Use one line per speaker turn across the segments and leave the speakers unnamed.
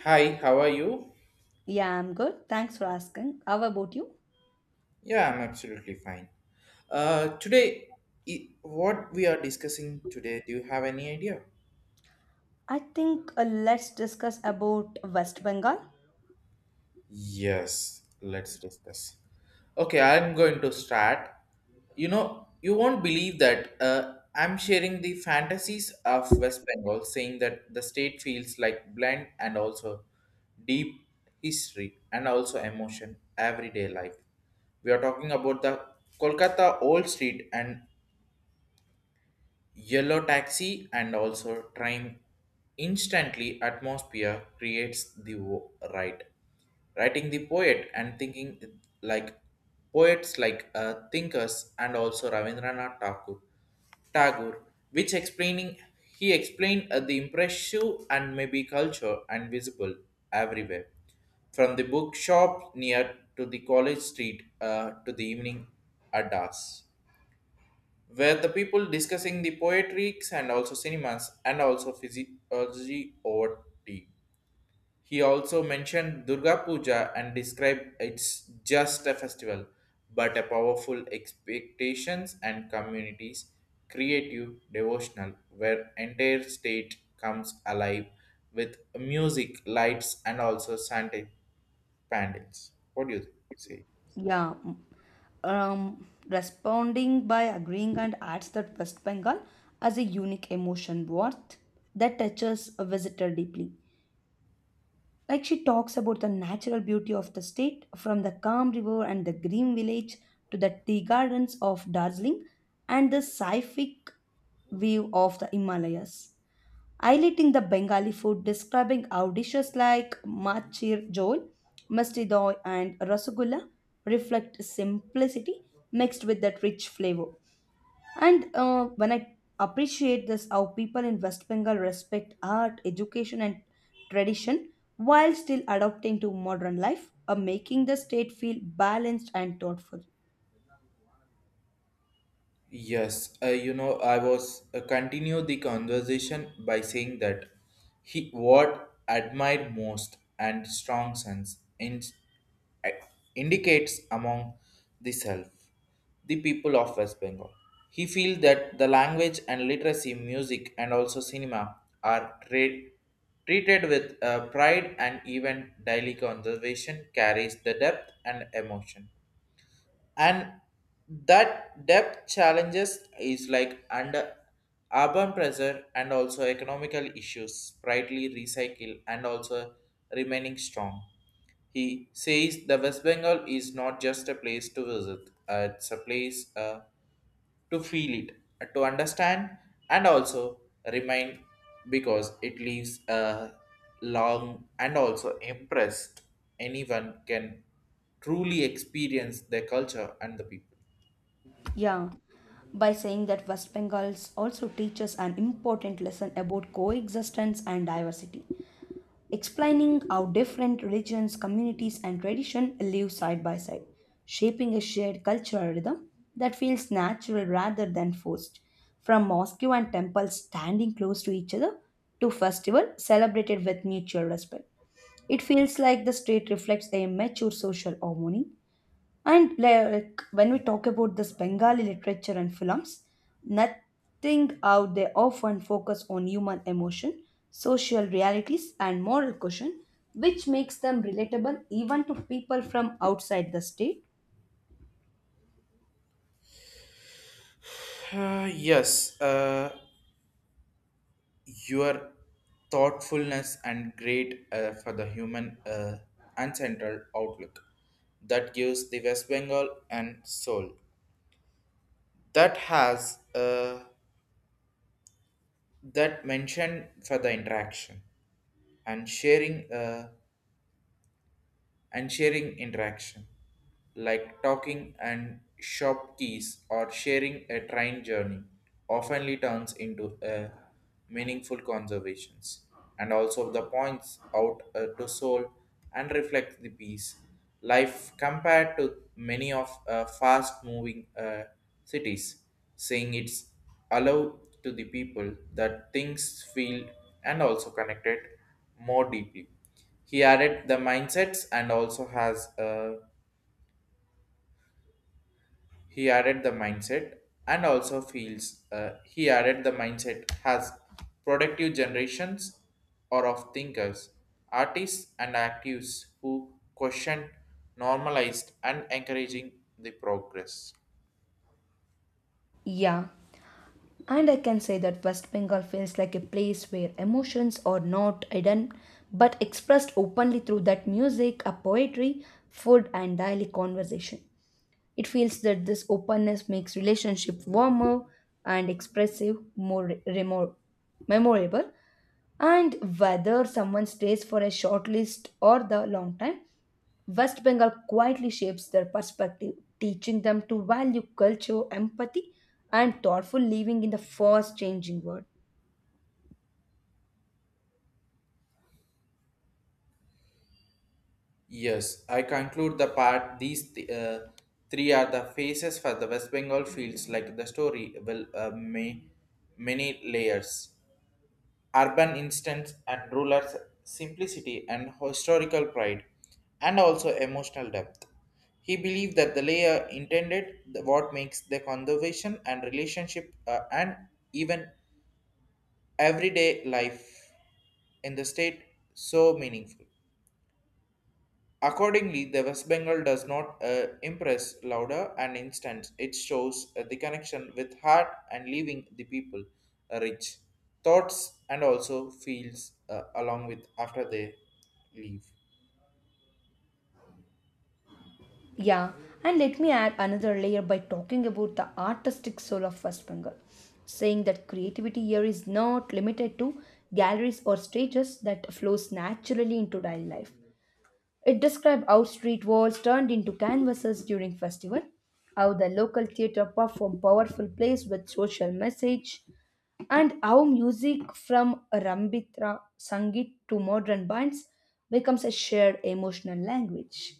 Hi, how are you?
Yeah, I'm good. Thanks for asking. How about you?
Yeah, I'm absolutely fine. Uh, today, what we are discussing today, do you have any idea?
I think let's discuss about West Bengal.
Yes, let's discuss. Okay, I'm going to start. You know, you won't believe that I'm sharing the fantasies of West Bengal, saying that the state feels like blend and also deep history and also emotion everyday life. We are talking about the Kolkata Old Street and Yellow taxi and also train instantly atmosphere creates the right. Writing the poet and thinking like poets like thinkers and also Ravindranath Tagore. Tagore, which explaining he explained the impressive and maybe culture and visible everywhere, from the bookshop near to the college street to the evening addas where the people discussing the poetries and also cinemas and also physiology over tea. He also mentioned Durga Puja and described it's just a festival, but a powerful expectations and communities, creative, devotional, where entire state comes alive with music, lights, and also Santa pandals. What do you say?
Yeah, mm, responding by agreeing and adds that West Bengal as a unique emotion worth that touches a visitor deeply. Like she talks about the natural beauty of the state, from the calm river and the green village to the tea gardens of Darjeeling and the scientific view of the Himalayas. Highlighting the Bengali food, describing how dishes like machir jol, musti doi, and rasagulla reflect simplicity mixed with that rich flavor. And when I appreciate this, how people in West Bengal respect art, education, and tradition while still adapting to modern life, making the state feel balanced and thoughtful.
Yes, you know, I was continue the conversation by saying that he what admired most and strong sense in, uh, indicates among the self, the people of West Bengal. He feels that the language and literacy, music, and also cinema are treated with pride and even daily conservation carries the depth and emotion and that depth challenges is like under urban pressure and also economical issues. Rightly recycle and also remaining strong, he says the West Bengal is not just a place to visit, it's a place to feel it, to understand, and also remind, because it leaves a long and also impressed. Anyone can truly experience their culture and the people.
Yeah, by saying that West Bengals also teaches an important lesson about coexistence and diversity. Explaining how different religions, communities, and tradition live side by side, shaping a shared cultural rhythm that feels natural rather than forced. From mosque and temples standing close to each other to festival celebrated with mutual respect. It feels like the state reflects a mature social harmony, and like when we talk about this Bengali literature and films, nothing out there often focus on human emotion, social realities, and moral question, which makes them relatable even to people from outside the state.
Yes, your thoughtfulness and great for the human and central outlook that gives the West Bengal and soul that has that mention for the interaction. and sharing uh, and sharing interaction like talking and shop keys or sharing a train journey oftenly turns into a meaningful conversations, and also the points out to soul and reflect the peace life compared to many of fast moving cities, saying it's allowed to the people that things feel and also connected more deeply. He added the mindsets and also has he added the mindset and also feels he added the mindset has productive generations or of thinkers, artists and actives who question normalized and encouraging the progress.
Yeah, and I can say that West Bengal feels like a place where emotions are not hidden but expressed openly through that music, a poetry, food, and daily conversation. It feels that this openness makes relationship warmer and expressive, more memorable. And whether someone stays for a short list or the long time, West Bengal quietly shapes their perspective, teaching them to value culture, empathy, and thoughtful living in the fast changing world.
Yes, I conclude the part. These three are the faces for the West Bengal fields, like the story will may many layers. Urban instincts and rulers' simplicity and historical pride, and also emotional depth. He believed that the layer intended the- what makes the conservation and relationship and even everyday life in the state so meaningful. Accordingly, the West Bengal does not impress louder and instant. It shows the connection with heart and leaving the people rich thoughts and also feels along with after they leave.
Yeah, and let me add another layer by talking about the artistic soul of West Bengal, saying that creativity here is not limited to galleries or stages that flows naturally into daily life. It described how street walls turned into canvases during festival, how the local theater performed powerful plays with social message, and how music from Rambitra Sangeet to modern bands becomes a shared emotional language.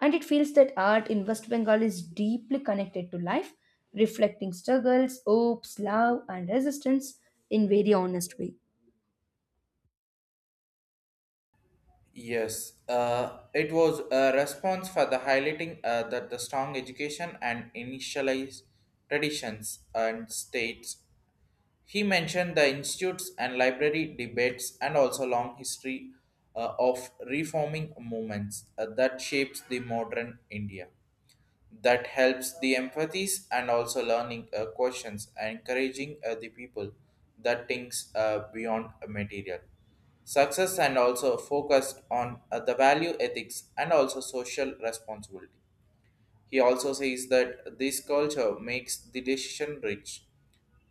And it feels that art in West Bengal is deeply connected to life, reflecting struggles, hopes, love, and resistance in very honest way.
Yes, it was a response for the highlighting that the strong education and initialized traditions and states. He mentioned the institutes and library debates and also long history of reforming movements that shapes the modern India. That helps the empathies and also learning questions and encouraging the people that thinks beyond material. Success and also focused on the value ethics and also social responsibility. He also says that this culture makes the decision rich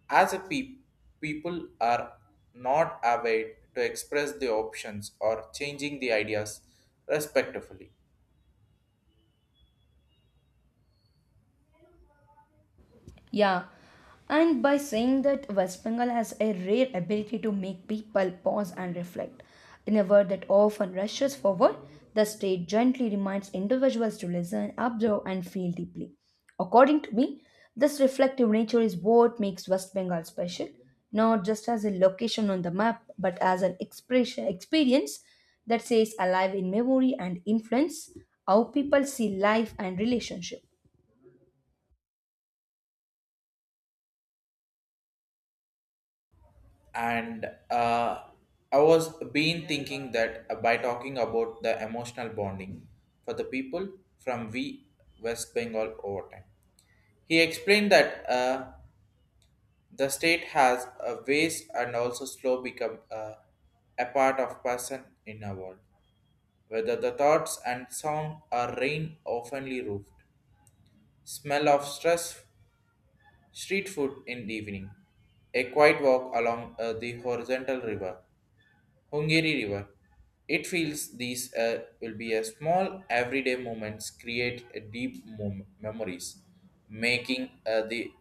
as a people are not aware to express the options or changing the ideas respectfully.
Yeah, and by saying that West Bengal has a rare ability to make people pause and reflect. In a world that often rushes forward, the state gently reminds individuals to listen, observe, and feel deeply. According to me, this reflective nature is what makes West Bengal special, not just as a location on the map, but as an expression experience that stays alive in memory and influence how people see life and relationship.
And uh, I was been thinking that by talking about the emotional bonding for the people from V West Bengal over time. He explained that the state has a ways and also slow become a part of person in a world, whether the thoughts and sound are rain oftenly roofed. Smell of stress, street food in the evening. A quiet walk along the horizontal river, Hungary River. It feels these will be a small everyday moments create a deep memories, making the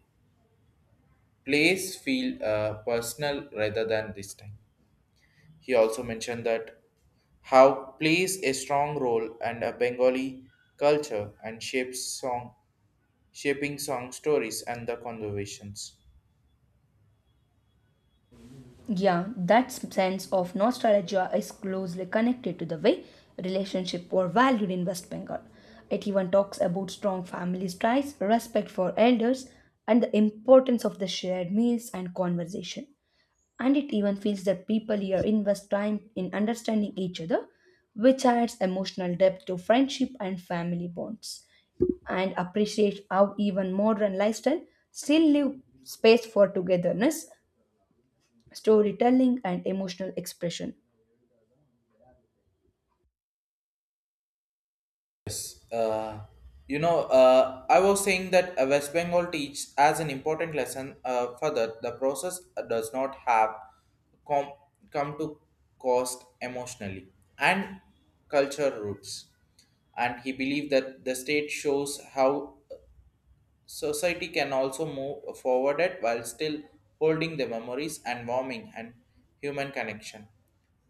place feel personal rather than distant. He also mentioned that how plays a strong role and a Bengali culture and shapes song, shaping song stories and the conversations.
Yeah, that sense of nostalgia is closely connected to the way relationship were valued in West Bengal. It even talks about strong family ties, respect for elders, and the importance of the shared meals and conversation. And it even feels that people here invest time in understanding each other, which adds emotional depth to friendship and family bonds and appreciate how even modern lifestyle still leave space for togetherness, storytelling, and emotional expression.
uh, you know, I was saying that West Bengal teaches as an important lesson further the process does not have com- come to cost emotionally and culture roots. And he believed that the state shows how society can also move forward it while still holding the memories and warming and human connection.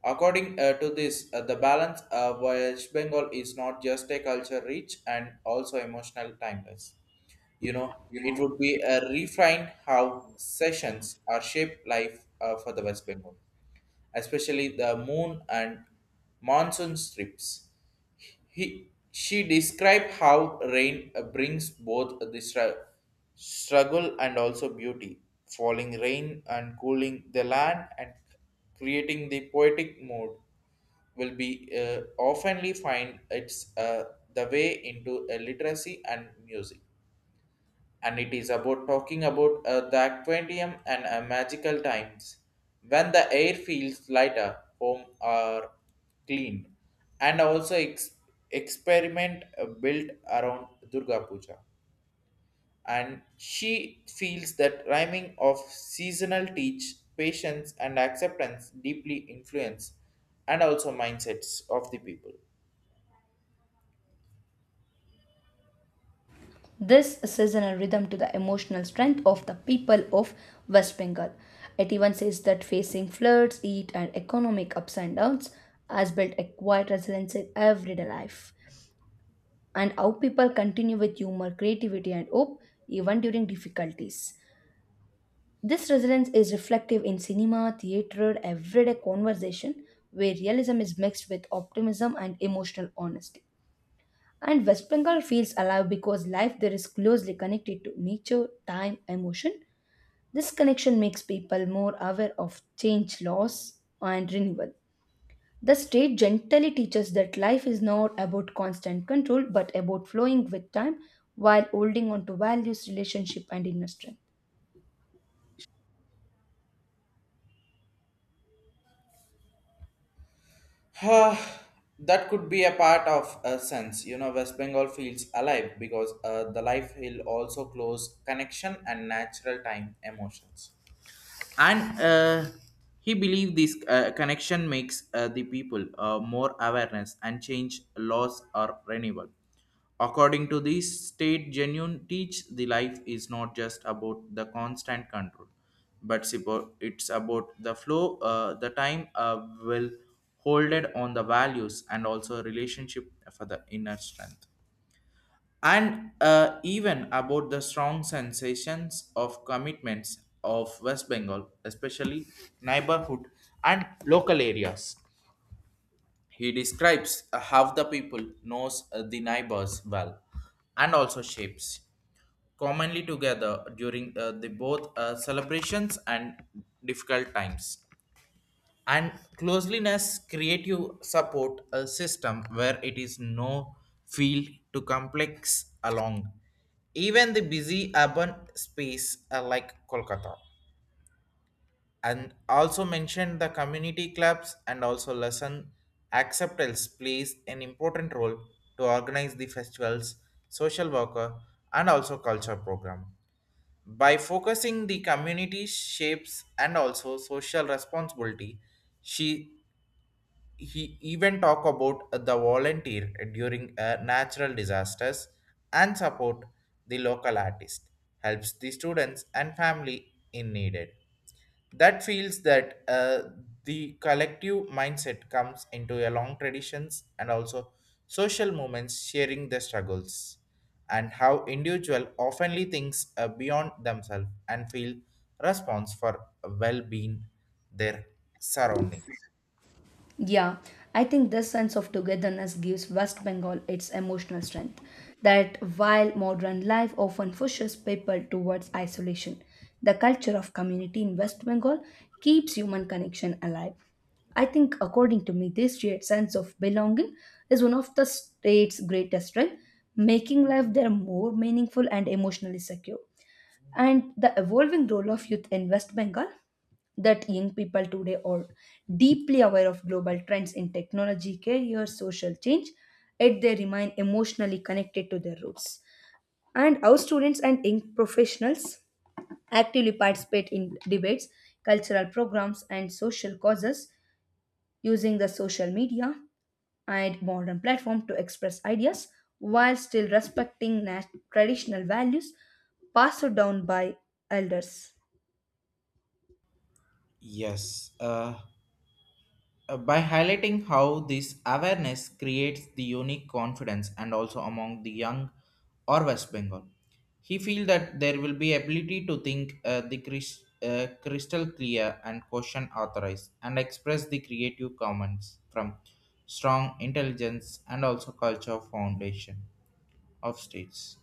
According to this, the balance of West Bengal is not just a culture rich and also emotional timeless. You know, it would be a refine how sessions are shaped life for the West Bengal, especially the moon and monsoon strips. She described how rain brings both the struggle and also beauty, falling rain and cooling the land and creating the poetic mood will be oftenly find its the way into literacy and music and it is about talking about the aquarium and magical times when the air feels lighter, home are cleaned, and also experiment built around Durga Puja. And she feels that rhyming of seasonal teach patience and acceptance deeply influence and also mindsets of the people.
This seasonal rhythm to the emotional strength of the people of West Bengal. It even says that facing floods, heat, and economic ups and downs has built a quiet resilience in everyday life, and how people continue with humor, creativity, and hope even during difficulties. This resilience is reflective in cinema, theatre, everyday conversation, where realism is mixed with optimism and emotional honesty. And West Bengal feels alive because life there is closely connected to nature, time, emotion. This connection makes people more aware of change, loss, and renewal. The state gently teaches that life is not about constant control but about flowing with time while holding on to values, relationship, and inner strength.
Uh, that could be a part of a sense. You know, West Bengal feels alive because the life will also close connection and natural time emotions and he believed this connection makes the people more awareness and change laws are renewable. According to this state genuine teach the life is not just about the constant control but it's about the flow the time will hold it on the values and also relationship for the inner strength, and even about the strong sensations of commitments of West Bengal, especially neighborhood and local areas. He describes how the people knows the neighbors well, and also shapes commonly together during the both celebrations and difficult times, and closeliness create you support a system where it is no field to complex along even the busy urban space are like Kolkata, and also mentioned the community clubs and also lesson acceptance plays an important role to organize the festivals, social worker and also culture program, by focusing the community shapes and also social responsibility. She he even talk about the volunteer during natural disasters and support the local artist, helps the students and family in needed. That feels that the collective mindset comes into a long traditions and also social movements sharing the struggles, and how individual oftenly thinks beyond themselves and feel response for well-being their surroundings.
Yeah, I think this sense of togetherness gives West Bengal its emotional strength. That while modern life often pushes people towards isolation, the culture of community in West Bengal keeps human connection alive. I think, according to me, this shared sense of belonging is one of the state's greatest strengths, making life there more meaningful and emotionally secure, and the evolving role of youth in West Bengal, that young people today are deeply aware of global trends in technology, career, social change, yet they remain emotionally connected to their roots. And our students and young professionals actively participate in debates, cultural programs, and social causes using the social media and modern platform to express ideas while still respecting traditional values passed down by elders.
Yes. By highlighting how this awareness creates the unique confidence and also among the young or West Bengal. He feels that there will be ability to think the crystal clear and question authorized and express the creative comments from strong intelligence and also culture foundation of states,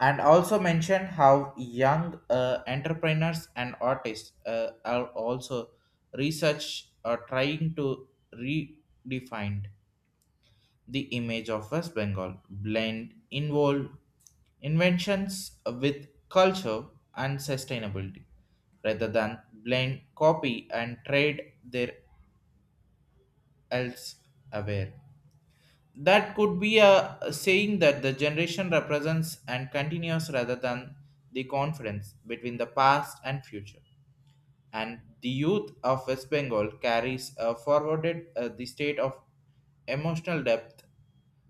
and also mention how young entrepreneurs and artists are also research or trying to redefine the image of West Bengal, blend involve inventions with culture and sustainability, rather than blend copy and trade their else aware. That could be a saying that the generation represents and continues rather than the confidence between the past and future. And the youth of West Bengal carries forwarded the state of emotional depth,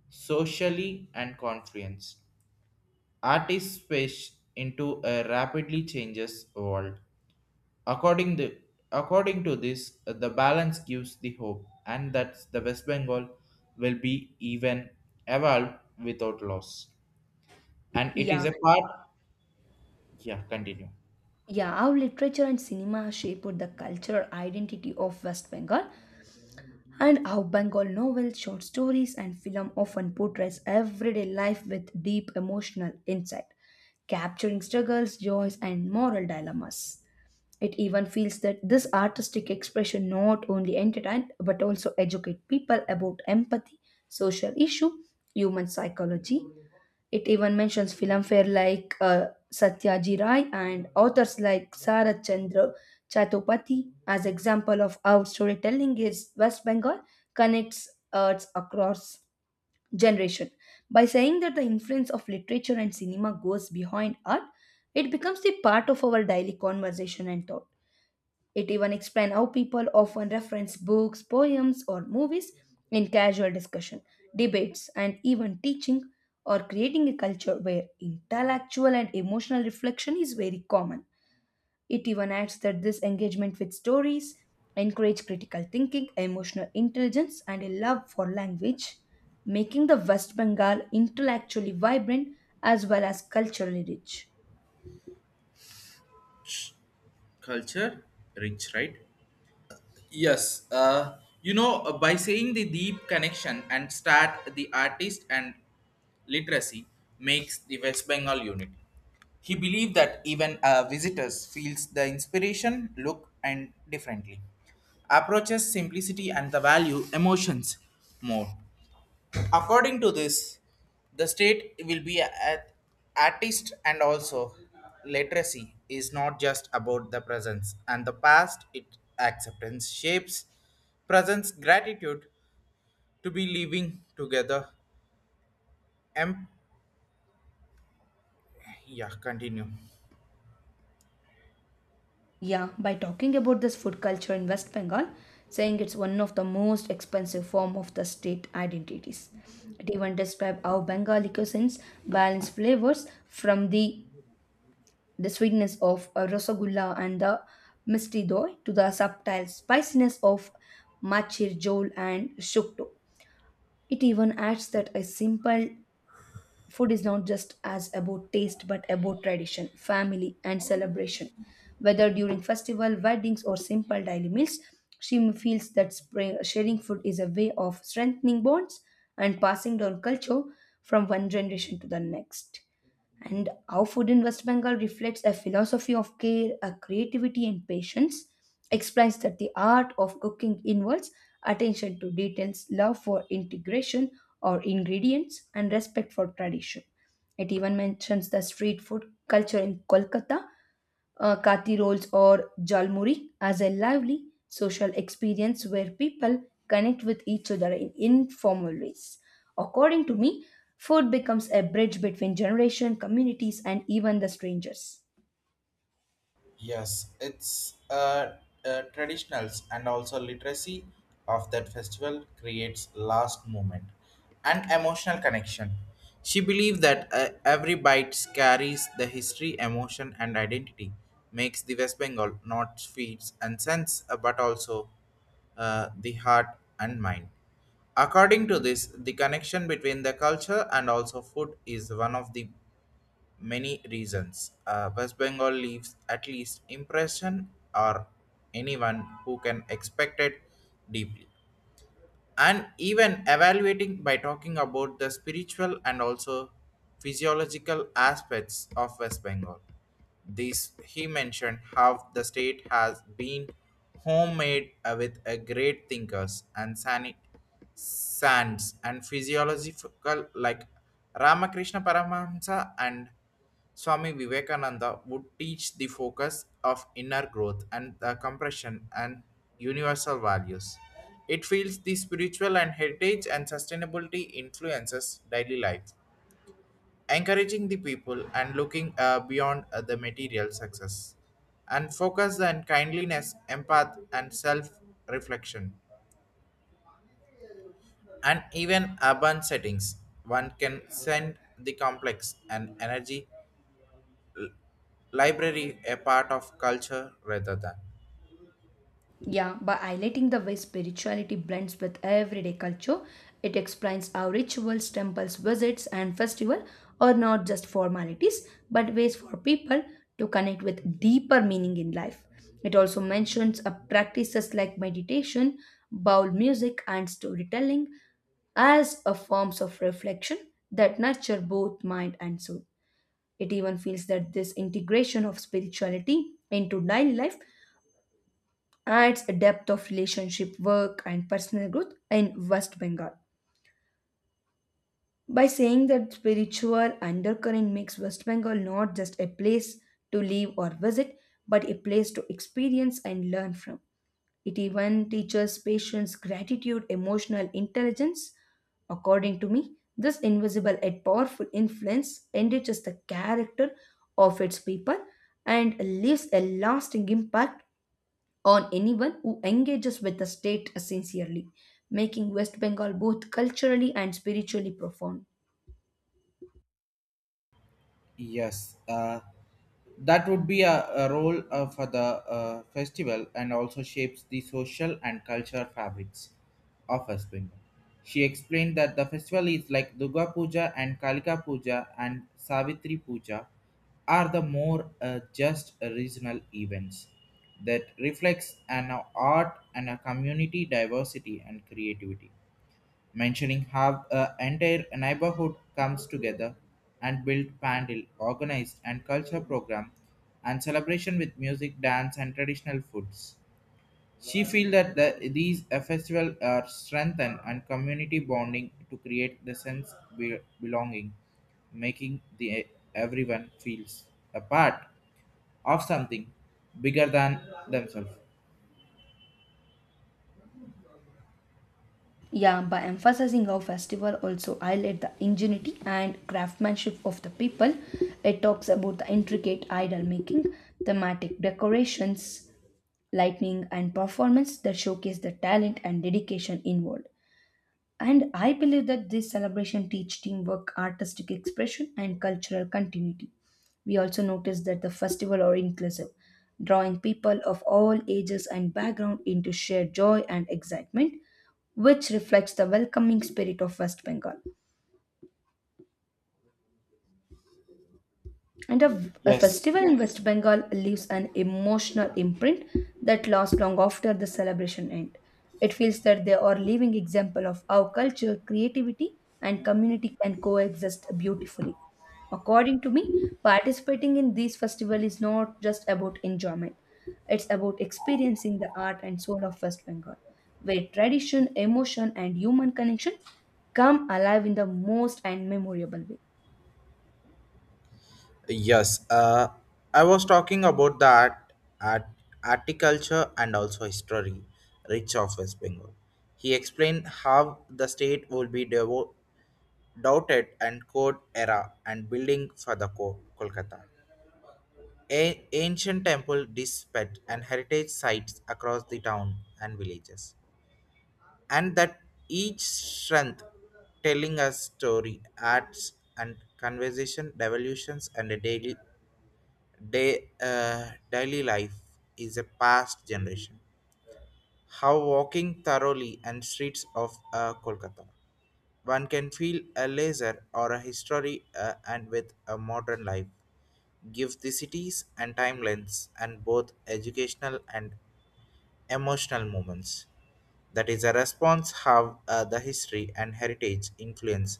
socially and confidence. Artists fish into a rapidly changes world. According the according to this, the balance gives the hope, and that the West Bengal will be even evolved without loss. And it is
Yeah,
a part. Yeah, continue.
yeah, how literature and cinema shaped the cultural identity of West Bengal and how Bengal novels, short stories, and film often portrays everyday life with deep emotional insight, capturing struggles, joys, and moral dilemmas. It even feels that this artistic expression not only entertained but also educate people about empathy, social issue, human psychology. It even mentions filmfare like Satyajit Ray and authors like Sarat Chandra Chattopadhyay as example of how storytelling is West Bengal connects arts across generation. By saying that the influence of literature and cinema goes behind art, it becomes the part of our daily conversation and thought. It even explains how people often reference books, poems, or movies in casual discussion, debates, and even teaching or creating a culture where intellectual and emotional reflection is very common. It even adds that this engagement with stories encourage critical thinking, emotional intelligence, and a love for language, making the West Bengal intellectually vibrant as well as culturally rich.
Culture rich, right. Yes, you know, by saying the deep connection and start the artist and literacy makes the West Bengal unit. He believed that even visitors feels the inspiration, look, and differently. Approaches simplicity and the value emotions more. According to this, the state will be a artist and also literacy is not just about the presence and the past. It acceptance shapes presence gratitude to be living together. Em- yeah, continue.
Yeah, by talking about this food culture in West Bengal, saying it's one of the most expensive form of the state identities. It even describes how Bengali cuisines balance flavors from the sweetness of a rasagulla and the misti doi to the subtle spiciness of machir jol and shukto. It even adds that a simple food is not just as about taste but about tradition, family and celebration. Whether during festival, weddings or simple daily meals, feels that spring, sharing food is a way of strengthening bonds and passing down culture from one generation to the next. And how food in West Bengal reflects a philosophy of care, a creativity, and patience, explains that the art of cooking involves attention to details, love for integration or ingredients, and respect for tradition. It even mentions the street food culture in Kolkata, kathi rolls or jalmuri as a lively social experience where people connect with each other in informal ways. According to me, food becomes a bridge between generation, communities, and even the strangers.
Yes, it's traditionals and also literacy of that festival creates last moment and emotional connection. She believed that every bite carries the history, emotion, and identity, makes the West Bengal not feeds and sense, but also the heart and mind. According to this, the connection between the culture and also food is one of the many reasons. West Bengal leaves at least impression or anyone who can expect it deeply. And even evaluating by talking about the spiritual and also physiological aspects of West Bengal. This he mentioned how the state has been homemade with a great thinkers and sanit sands and physiological like Ramakrishna Paramahamsa and Swami Vivekananda would teach the focus of inner growth and the compression and universal values. It feels the spiritual and heritage and sustainability influences daily life, encouraging the people and looking beyond the material success, and focus on kindliness, empath, and self-reflection, and even urban settings. One can send the complex and energy library a part of culture rather than.
Yeah, by highlighting the way spirituality blends with everyday culture, it explains how rituals, temples, visits, and festival are not just formalities but ways for people to connect with deeper meaning in life. It also mentions practices like meditation, bowl music, and storytelling as a forms of reflection that nurture both mind and soul. It even feels that this integration of spirituality into daily life adds a depth of relationship, work, and personal growth in West Bengal. By saying that spiritual undercurrent makes West Bengal not just a place to live or visit, but a place to experience and learn from. It even teaches patience, gratitude, emotional intelligence. According to me, this invisible yet powerful influence enriches the character of its people and leaves a lasting impact on anyone who engages with the state sincerely, making West Bengal both culturally and spiritually profound.
Yes, that would be a role for the festival and also shapes the social and cultural fabrics of West Bengal. She explained that the festival is like Durga Puja and Kalika Puja and Savitri Puja are the more just regional events that reflects an art and a community diversity and creativity, mentioning how an entire neighborhood comes together and build pandal, organized and culture program and celebration with music, dance and traditional foods. She feel that these festivals are strengthened and community bonding to create the sense belonging, making the everyone feels a part of something bigger than themselves.
Yeah, by emphasizing how festival also highlight the ingenuity and craftsmanship of the people, it talks about the intricate idol making, thematic decorations, lightning, and performance that showcase the talent and dedication involved. And I believe that this celebration teach teamwork, artistic expression, and cultural continuity. We also notice that the festival are inclusive, drawing people of all ages and background into shared joy and excitement, which reflects the welcoming spirit of West Bengal. And a
Yes.
festival in West Bengal leaves an emotional imprint that lasts long after the celebration end. It feels that they are living example of how culture, creativity, and community can coexist beautifully. According to me, participating in these festivals is not just about enjoyment. It's about experiencing the art and soul of West Bengal, where tradition, emotion, and human connection come alive in the most and memorable way.
Yes, I was talking about the art, articulture and also history, Rich of West Bengal. He explained how the state would be doubted and code era and building for the Kolkata. Ancient temple dispatch and heritage sites across the town and villages. And that each strength telling a story, arts and conversation, revolutions and a daily life is a past generation. How walking thoroughly and streets of Kolkata, one can feel a laser or a history and with a modern life. Give the cities and timelines and both educational and emotional moments. That is a response how the history and heritage influence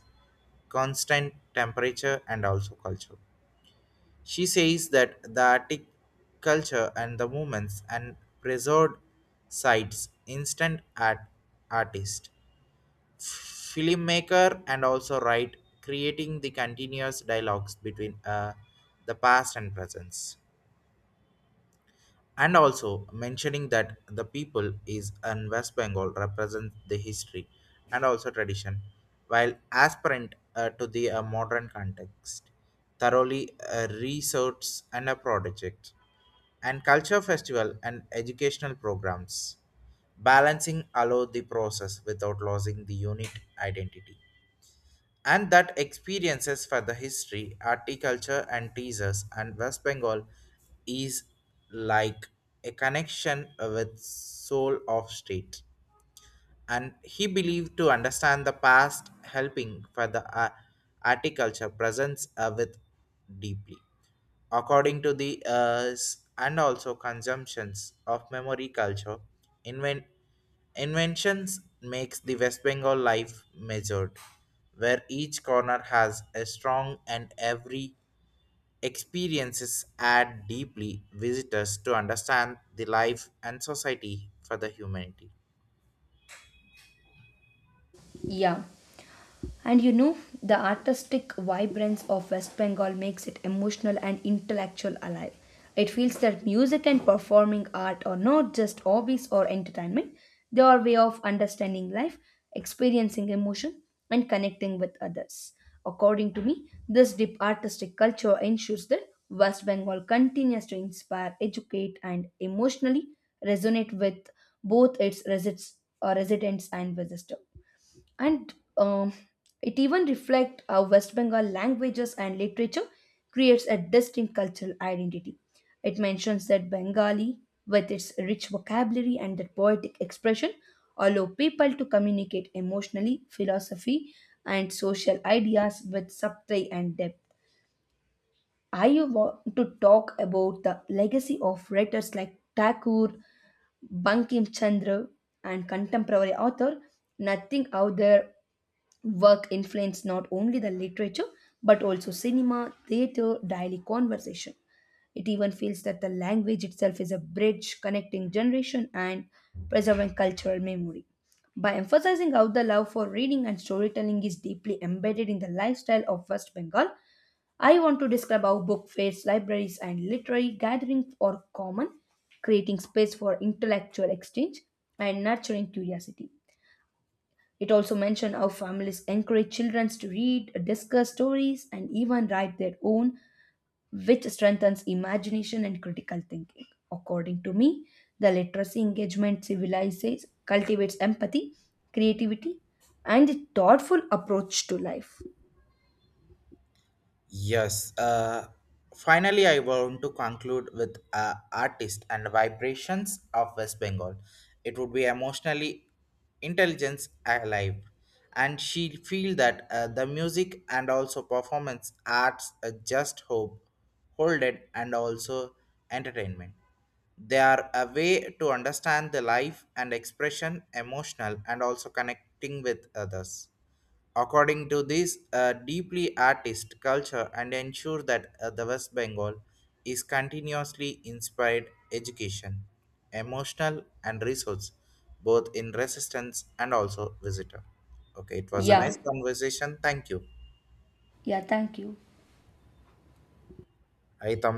constant temperature and also culture. She says that the Arctic culture and the movements and preserved sites instant artist, filmmaker, and also write, creating the continuous dialogues between the past and presence, and also mentioning that the people is in West Bengal represent the history and also tradition, while aspirant to the modern context, thoroughly research and a project, and culture festival and educational programs, balancing allow the process without losing the unit identity, and that experiences for the history, horticulture, and teasers and West Bengal is like a connection with soul of state, and he believed to understand the past helping for the agriculture presence with deeply, according to the and also consumptions of memory culture inven- inventions makes the west bengal life measured, where each corner has a strong and every experiences add deeply visitors to understand the life and society for the humanity.
Yeah. And you know, the artistic vibrance of West Bengal makes it emotional and intellectual alive. It feels that music and performing art are not just hobbies or entertainment, they are a way of understanding life, experiencing emotion, and connecting with others. According to me, this deep artistic culture ensures that West Bengal continues to inspire, educate, and emotionally resonate with both its residents and visitors. And it even reflects how West Bengal languages and literature creates a distinct cultural identity. It mentions that Bengali, with its rich vocabulary and their poetic expression, allow people to communicate emotionally, philosophy, and social ideas with subtlety and depth. I want to talk about the legacy of writers like Thakur, Bankim Chandra, and contemporary author, nothing out there work influenced not only the literature but also cinema, theater, daily conversation. It even feels that the language itself is a bridge connecting generation and preserving cultural memory. By emphasizing how the love for reading and storytelling is deeply embedded in the lifestyle of West Bengal, I want to describe how book fairs, libraries, and literary gatherings are common, creating space for intellectual exchange and nurturing curiosity. It also mentioned how families encourage children to read, discuss stories, and even write their own, which strengthens imagination and critical thinking. According to me, the literacy engagement civilizes, cultivates empathy, creativity, and a thoughtful approach to life.
Yes, finally, I want to conclude with artist and vibrations of West Bengal. It would be emotionally intelligence alive, and she feel that the music and also performance arts just hold it, and also entertainment. They are a way to understand the life and expression emotional and also connecting with others. According to this, deeply artist culture and ensure that the West Bengal is continuously inspired education, emotional and resource, both in resistance and also visitor. Okay, it was a
Yeah,
nice conversation. Thank you.
yeah, thank you.
Ahí estamos.